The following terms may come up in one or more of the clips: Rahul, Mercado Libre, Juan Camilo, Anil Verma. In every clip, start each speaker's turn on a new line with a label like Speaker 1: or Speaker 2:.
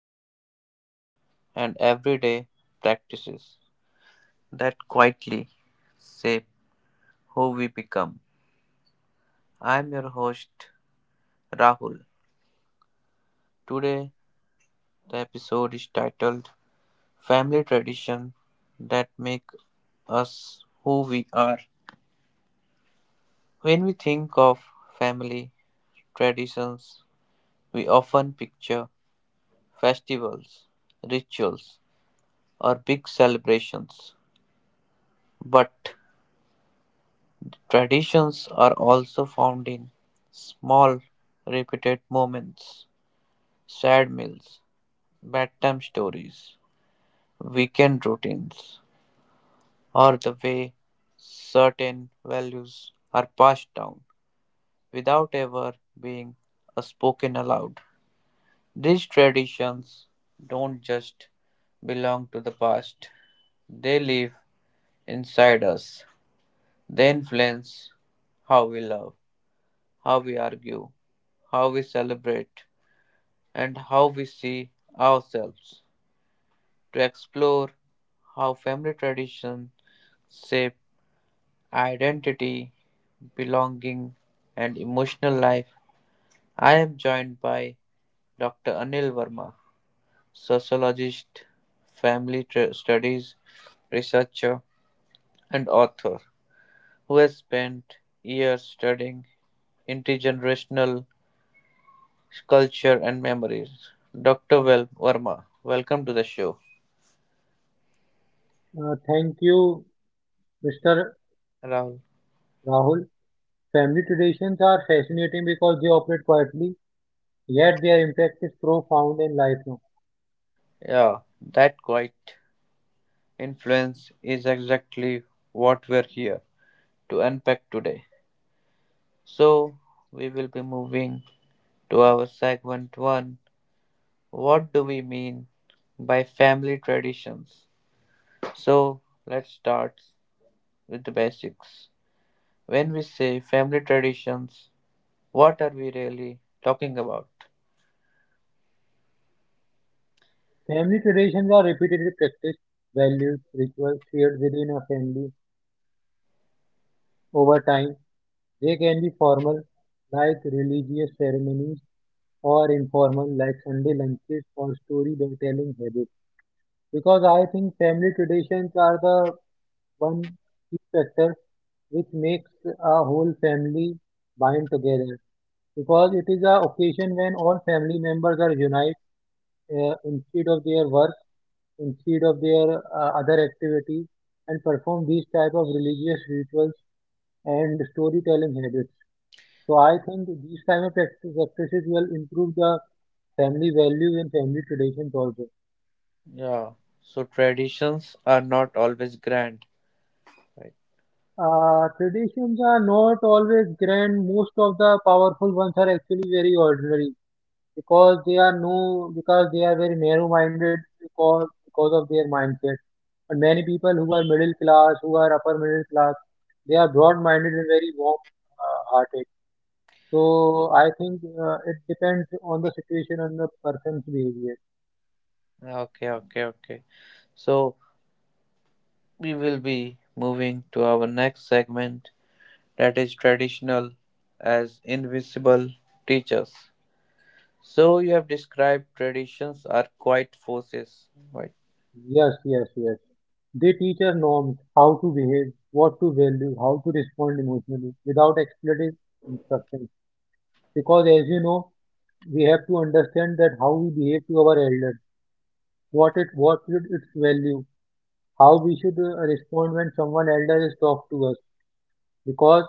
Speaker 1: memories, and everyday practices that quietly shape who we become. I am your host, Rahul. Today, the episode is titled Family Tradition That Make Us Who We Are. When we think of family traditions, we often picture festivals, rituals, or big celebrations. But traditions are also found in small, repeated moments, sad meals, bedtime stories, weekend routines, or the way certain values are passed down without ever being spoken aloud. These traditions don't just belong to the past, they live inside us. They influence how we love, how we argue, how we celebrate, and how we see ourselves. To explore how family traditions shape identity, belonging, and emotional life, I am joined by Dr. Anil Verma, sociologist, studies researcher, and author who has spent years studying intergenerational culture and memories. Dr. Vel Verma, welcome to the show.
Speaker 2: Thank you, Mr.
Speaker 1: Rahul,
Speaker 2: Rahul. Family traditions are fascinating because they operate quietly, yet their impact is profound and lifelong.
Speaker 1: yeah, that quiet influence is exactly what we're here to unpack today. So, we will be moving to our segment one. What do we mean by family traditions? So, let's start with the basics. When we say family traditions, what are we really talking about?
Speaker 2: Family traditions are repeatedly practiced, values, rituals shared within a family over time. They can be formal, like religious ceremonies, or informal, like Sunday lunches or storytelling habits. Because I think family traditions are the one key factor which makes a whole family bind together. Because it is a occasion when all family members are unite, instead of their work, instead of their other activities, and perform these type of religious rituals and storytelling habits. So I think these type of practices will improve the family values and family traditions also.
Speaker 1: Yeah. So traditions are not always grand, right?
Speaker 2: Traditions are not always grand. Most of the powerful ones are actually very ordinary because they are no because they are very narrow-minded because of their mindset. But many people who are middle class, who are upper middle class, they are broad-minded and very warm-hearted. So I think it depends on the situation and the person's behavior.
Speaker 1: Okay, okay, okay. So we will be moving to our next segment, that is traditional as invisible teachers. So you have described traditions are quite forces, right?
Speaker 2: Yes, yes, yes. They teach us norms, how to behave, what to value, how to respond emotionally without explicit instructions. Because as you know, we have to understand that how we behave to our elders, what should its value, how we should respond when someone elder is talk to us. Because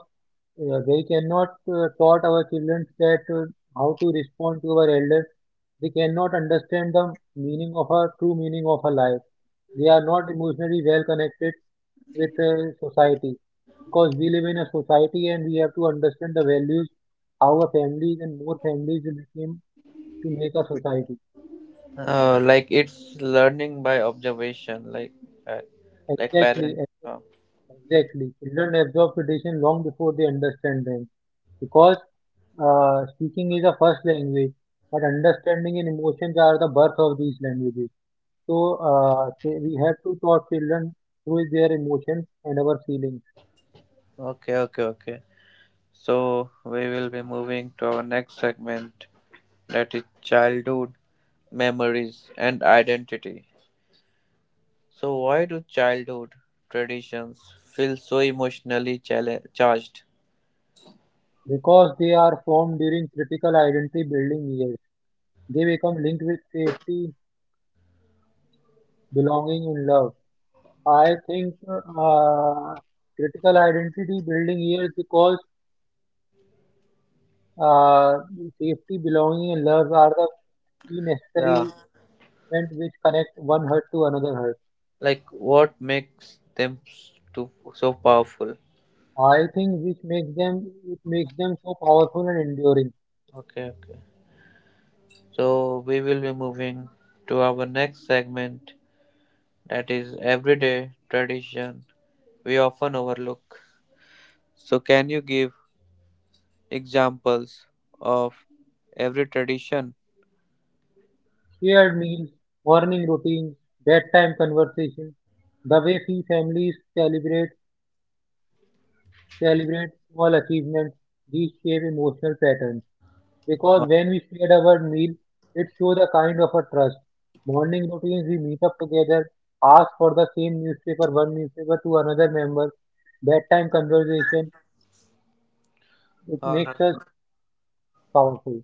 Speaker 2: yeah, they cannot taught our children that how to respond to our elders. They cannot understand the meaning of a true meaning of a life. They are not emotionally well connected with society, because we live in a society and we have to understand the values. Our families and more families will become to make a society.
Speaker 1: Like it's learning by observation, uh, like
Speaker 2: Exactly,
Speaker 1: parent.
Speaker 2: exactly. Children absorb tradition long before they understand them. Because speaking is a first language, but understanding and emotions are the birth of these languages. So we have to taught children through their emotions and our feelings,
Speaker 1: Okay, okay, okay. So we will be moving to our next segment, that is childhood memories and identity. So, why do childhood traditions feel so emotionally charged?
Speaker 2: because they are formed during critical identity building years. They become linked with safety, belonging, and love. I think uh, critical identity building years because uh, safety, belonging, and love are the key
Speaker 1: Yeah,
Speaker 2: necessary elements which connect one heart to another heart.
Speaker 1: like what makes them so powerful?
Speaker 2: I think which makes them it makes them so powerful and enduring.
Speaker 1: Okay, okay. So, we will be moving to our next segment, that is everyday tradition we often overlook. So, can you give examples of every tradition?
Speaker 2: Shared meals, morning routines, bedtime conversations, the way we families celebrate small achievements, these shape emotional patterns. Because when we share our meal, it shows a kind of a trust. Morning routines, we meet up together, ask for the same newspaper, one newspaper to another member. Bedtime conversation, it
Speaker 1: All
Speaker 2: makes
Speaker 1: right.
Speaker 2: us powerful.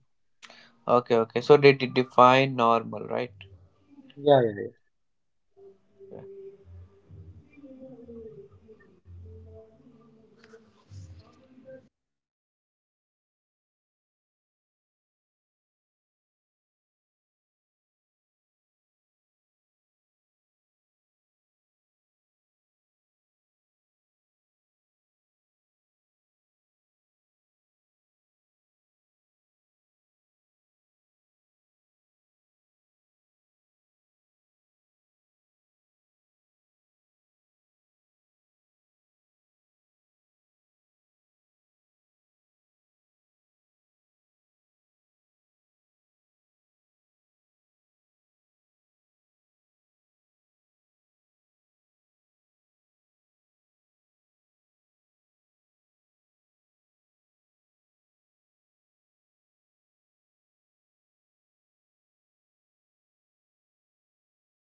Speaker 1: Okay, okay. So they define normal, right?
Speaker 2: Yeah, yeah, yeah.